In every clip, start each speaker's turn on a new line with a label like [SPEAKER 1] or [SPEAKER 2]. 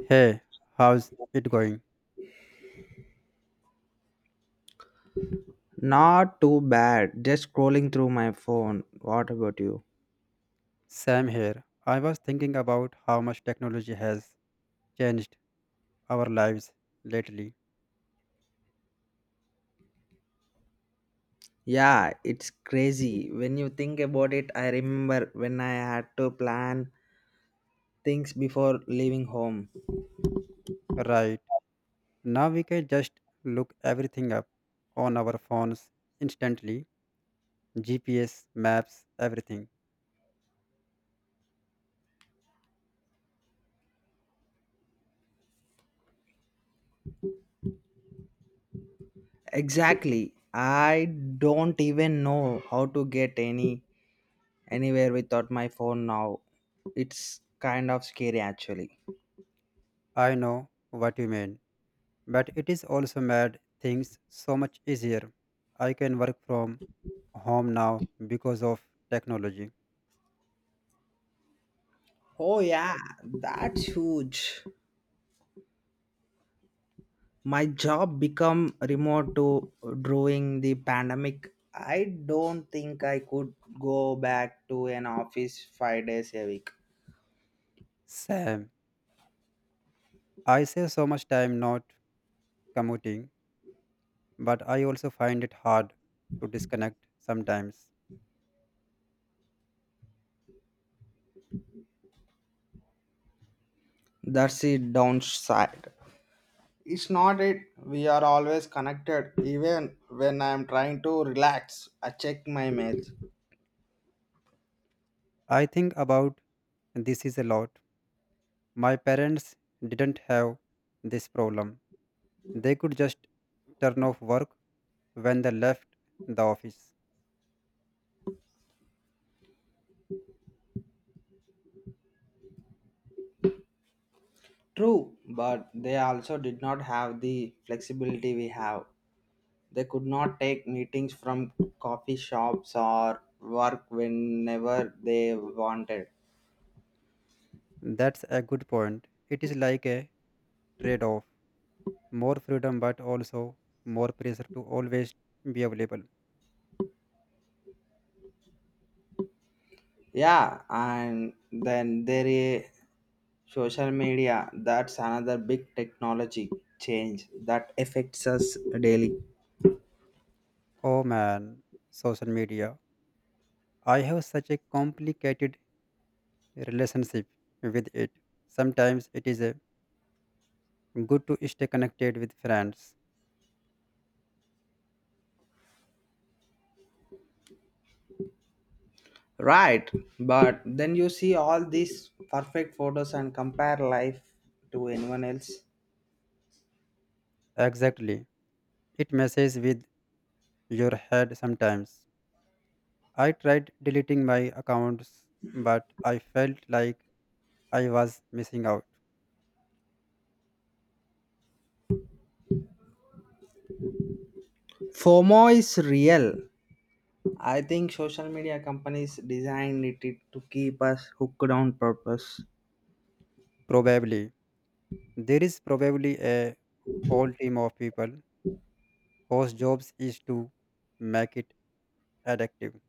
[SPEAKER 1] Hey, how's it going?
[SPEAKER 2] Not too bad. Just scrolling through my phone. What about you?
[SPEAKER 1] Sam here. I was thinking about how much technology has changed our lives lately.
[SPEAKER 2] Yeah, it's crazy. When you think about it, I remember when I had to plan things before leaving home.
[SPEAKER 1] Right. Now we can just look everything up on our phones instantly. GPS, maps, everything.
[SPEAKER 2] Exactly. I don't even know how to get anywhere without my phone now. It's kind of scary actually.
[SPEAKER 1] I know what you mean. But it is also made things so much easier. I can work from home now because of technology.
[SPEAKER 2] Oh yeah, that's huge. My job become remote to during the pandemic. I don't think I could go back to an office 5 days a week.
[SPEAKER 1] Sam, I save so much time not commuting, but I also find it hard to disconnect sometimes.
[SPEAKER 2] That's the downside. It's not it We are always connected. Even when I'm trying to relax I check my mails.
[SPEAKER 1] I think about this is a lot. My parents didn't have this problem. They could just turn off work when they left the office.
[SPEAKER 2] True, but they also did not have the flexibility we have. They could not take meetings from coffee shops or work whenever they wanted.
[SPEAKER 1] That's a good point. It is like a trade off, more freedom, but also more pressure to always be available.
[SPEAKER 2] Yeah, and then there is social media. That's another big technology change that affects us daily.
[SPEAKER 1] Oh man, social media. I have such a complicated relationship with it. Sometimes it is a good to stay connected with friends.
[SPEAKER 2] Right, but then you see all these perfect photos and compare life to anyone else.
[SPEAKER 1] Exactly. It messes with your head sometimes. I tried deleting my accounts, but I felt like I was missing out.
[SPEAKER 2] FOMO is real. I think social media companies designed it to keep us hooked on purpose.
[SPEAKER 1] Probably. There is probably a whole team of people whose jobs is to make it addictive.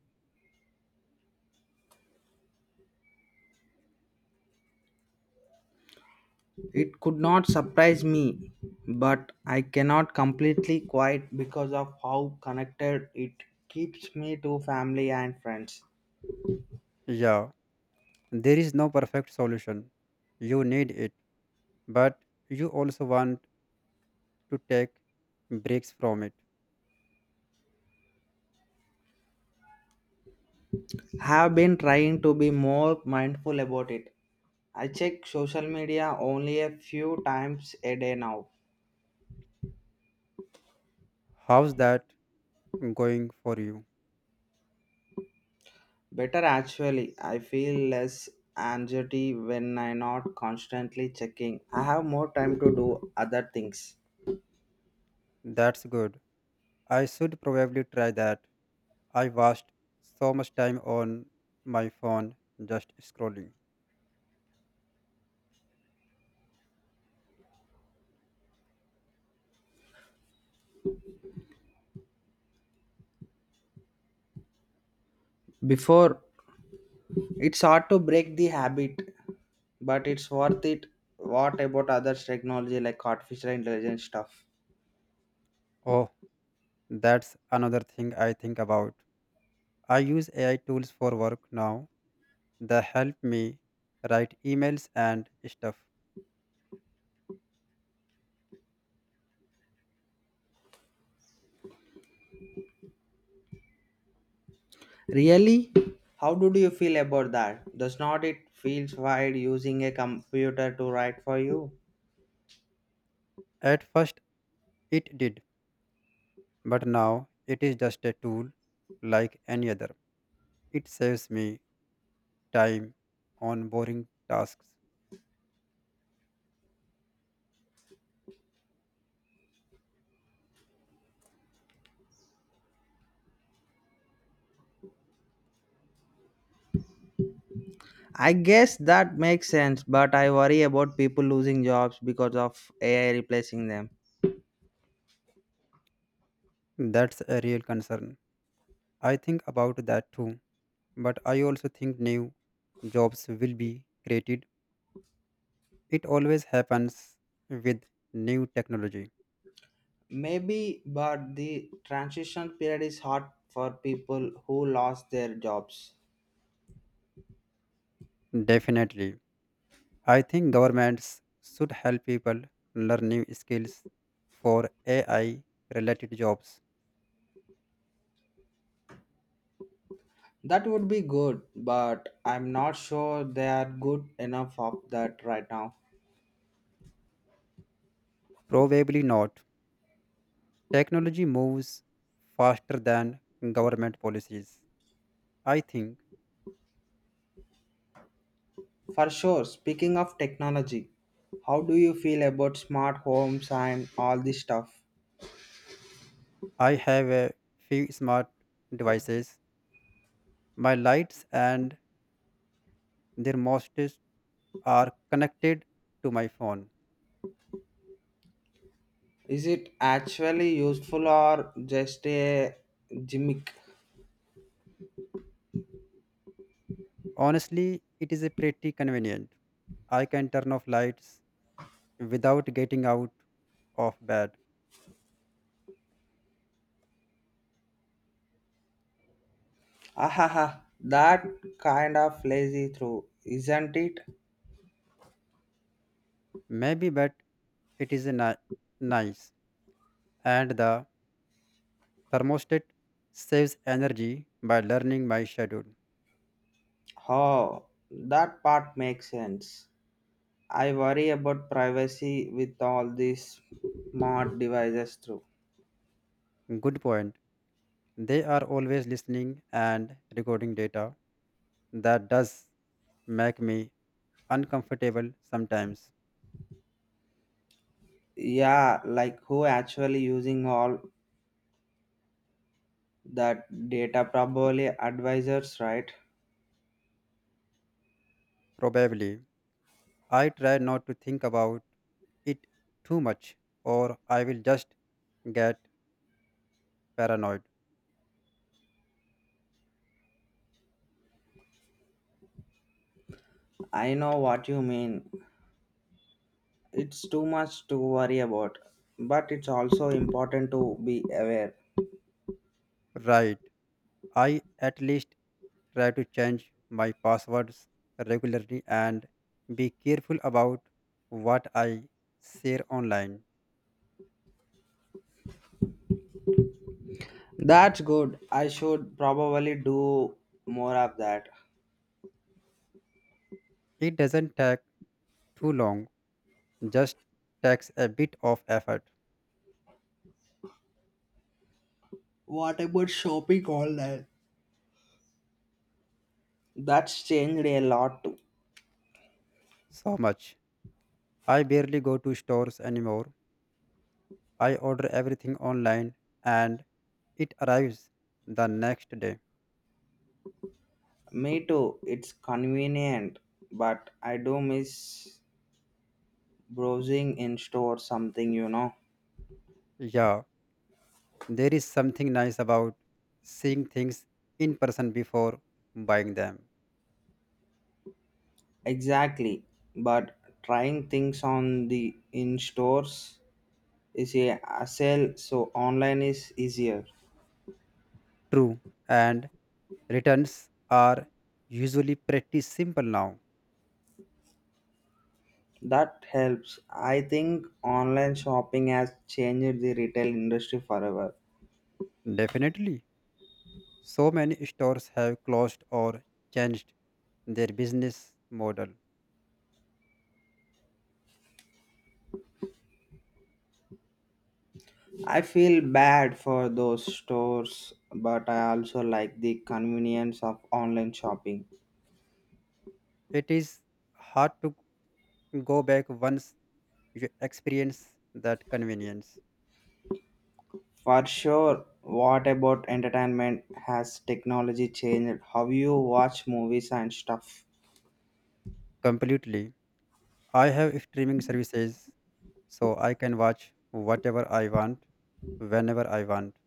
[SPEAKER 2] It could not surprise me, but I cannot completely quiet because of how connected it keeps me to family and friends.
[SPEAKER 1] Yeah, there is no perfect solution. You need it, but you also want to take breaks from it.
[SPEAKER 2] Have been trying to be more mindful about it. I check social media only a few times a day now.
[SPEAKER 1] How's that going for you?
[SPEAKER 2] Better actually, I feel less anxiety when I'm not constantly checking. I have more time to do other things.
[SPEAKER 1] That's good. I should probably try that. I wasted so much time on my phone just scrolling.
[SPEAKER 2] Before, it's hard to break the habit, but it's worth it. What about other technology like artificial intelligence stuff?
[SPEAKER 1] Oh, that's another thing I think about. I use AI tools for work now. They help me write emails and stuff.
[SPEAKER 2] Really? How do you feel about that? Does not it feels weird using a computer to write for you?
[SPEAKER 1] At first, it did, but now it is just a tool like any other. It saves me time on boring tasks.
[SPEAKER 2] I guess that makes sense, but I worry about people losing jobs because of AI replacing them.
[SPEAKER 1] That's a real concern. I think about that too, but I also think new jobs will be created. It always happens with new technology.
[SPEAKER 2] Maybe, but the transition period is hard for people who lost their jobs.
[SPEAKER 1] Definitely. I think governments should help people learn new skills for AI related jobs.
[SPEAKER 2] That would be good, but I'm not sure they are good enough of that right now.
[SPEAKER 1] Probably not. Technology moves faster than government policies. I think
[SPEAKER 2] For sure, speaking of technology, how do you feel about smart homes and all this stuff?
[SPEAKER 1] I have a few smart devices. My lights and their most are connected to my phone.
[SPEAKER 2] Is it actually useful or just a gimmick?
[SPEAKER 1] Honestly, it is a pretty convenient. I can turn off lights without getting out of bed.
[SPEAKER 2] Ahaha, that kind of lazy through, isn't it?
[SPEAKER 1] Maybe, but it is a nice. And the thermostat saves energy by learning my schedule.
[SPEAKER 2] Oh, that part makes sense. I worry about privacy with all these smart devices through.
[SPEAKER 1] Good point. They are always listening and recording data. That does make me uncomfortable sometimes.
[SPEAKER 2] Yeah, like who actually using all that data? Probably advisors, right?
[SPEAKER 1] Probably. I try not to think about it too much, or I will just get paranoid.
[SPEAKER 2] I know what you mean. It's too much to worry about, but it's also important to be aware.
[SPEAKER 1] Right. I at least try to change my passwords regularly and be careful about what I share online.
[SPEAKER 2] That's good. I should probably do more of that.
[SPEAKER 1] It doesn't take too long, just takes a bit of effort.
[SPEAKER 2] What about shopping online? That's changed a lot too.
[SPEAKER 1] So much. I barely go to stores anymore. I order everything online and it arrives the next day.
[SPEAKER 2] Me too. It's convenient, but I do miss browsing in store something.
[SPEAKER 1] Yeah, there is something nice about seeing things in person before buying them.
[SPEAKER 2] Exactly, but trying things on the in stores is a hassle, so online is easier.
[SPEAKER 1] True, and returns are usually pretty simple now.
[SPEAKER 2] That helps. I think online shopping has changed the retail industry forever.
[SPEAKER 1] Definitely. So many stores have closed or changed their business model.
[SPEAKER 2] I feel bad for those stores, but I also like the convenience of online shopping.
[SPEAKER 1] It is hard to go back once you experience that convenience
[SPEAKER 2] For sure, what about entertainment? Has technology changed how you watch movies and stuff?
[SPEAKER 1] completely. I have streaming services, so I can watch whatever I want, whenever I want.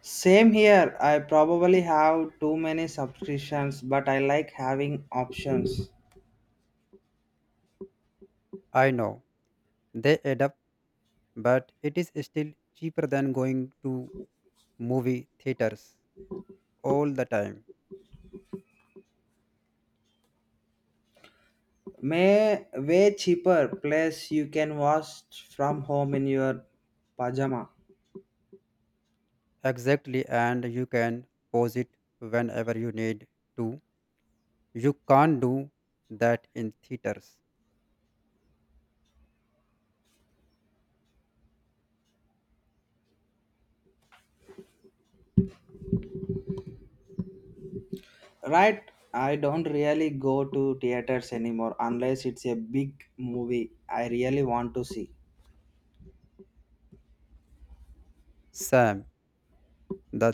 [SPEAKER 2] Same here. I probably have too many subscriptions, but I like having options.
[SPEAKER 1] I know they add up, but it is still cheaper than going to movie theaters all the time.
[SPEAKER 2] May way cheaper. Plus, you can watch from home in your pajama.
[SPEAKER 1] Exactly, and you can pause it whenever you need to. You can't do that in theaters.
[SPEAKER 2] Right? I don't really go to theaters anymore unless it's a big movie I really want to see.
[SPEAKER 1] Sam, the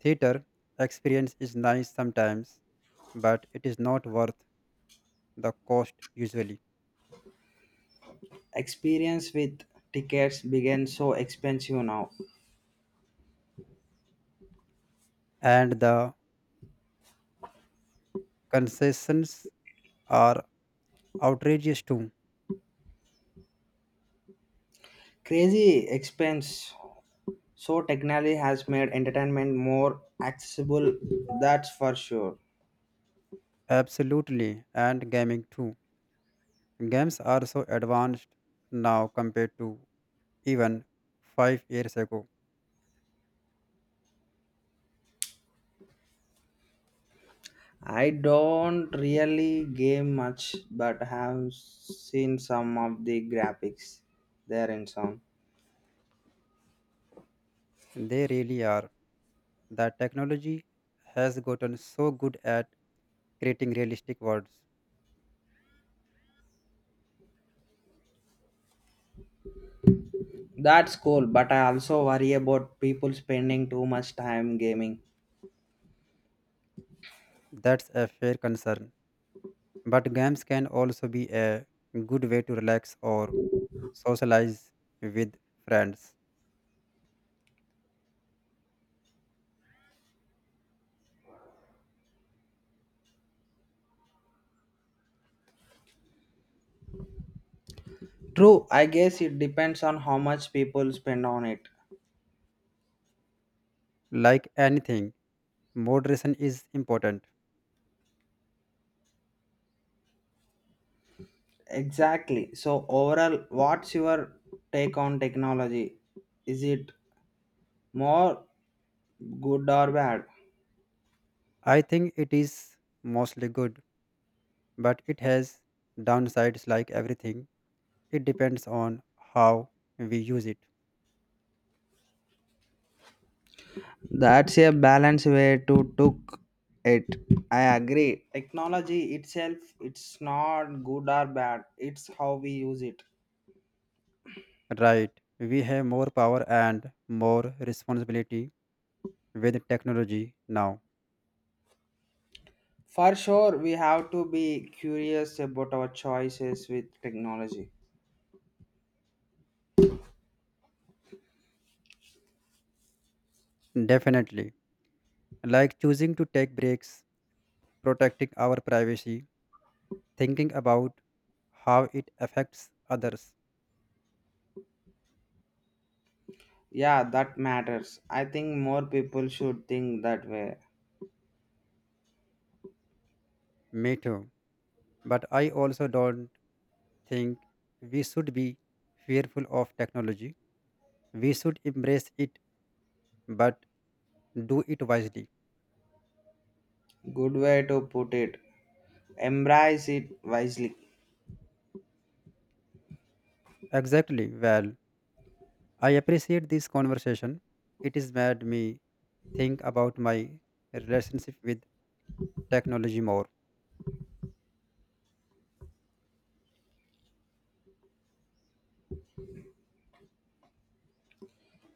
[SPEAKER 1] theater experience is nice sometimes, but it is not worth the cost usually.
[SPEAKER 2] Experience with tickets began so expensive now.
[SPEAKER 1] And the concessions are outrageous too.
[SPEAKER 2] Crazy expense. So technology has made entertainment more accessible. That's for sure.
[SPEAKER 1] Absolutely, and gaming too. Games are so advanced now compared to even 5 years ago.
[SPEAKER 2] I don't really game much, but have seen some of the graphics there in some.
[SPEAKER 1] They really are. That technology has gotten so good at creating realistic worlds.
[SPEAKER 2] That's cool, but I also worry about people spending too much time gaming.
[SPEAKER 1] That's a fair concern. But games can also be a good way to relax or socialize with friends.
[SPEAKER 2] True, I guess it depends on how much people spend on it.
[SPEAKER 1] Like anything, moderation is important.
[SPEAKER 2] Exactly. So, overall, what's your take on technology? Is it more good or bad?
[SPEAKER 1] I think it is mostly good, but it has downsides like everything. It depends on how we use it.
[SPEAKER 2] That's a balanced way to took it. I agree. Technology itself, it's not good or bad. It's how we use it.
[SPEAKER 1] Right, we have more power and more responsibility with technology now.
[SPEAKER 2] For sure, we have to be curious about our choices with technology.
[SPEAKER 1] Definitely. Like choosing to take breaks, protecting our privacy, thinking about how it affects others.
[SPEAKER 2] Yeah, that matters. I think more people should think that way.
[SPEAKER 1] Me too. But I also don't think we should be fearful of technology. We should embrace it, but do it wisely.
[SPEAKER 2] Good way to put it. Embrace it wisely.
[SPEAKER 1] Exactly. Well, I appreciate this conversation. It has made me think about my relationship with technology more.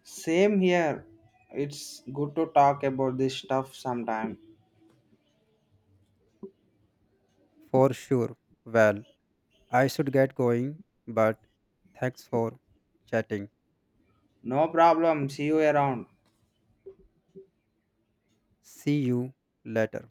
[SPEAKER 2] Same here. It's good to talk about this stuff sometime.
[SPEAKER 1] For sure. Well, I should get going, but thanks for chatting.
[SPEAKER 2] No problem. See you around.
[SPEAKER 1] See you later.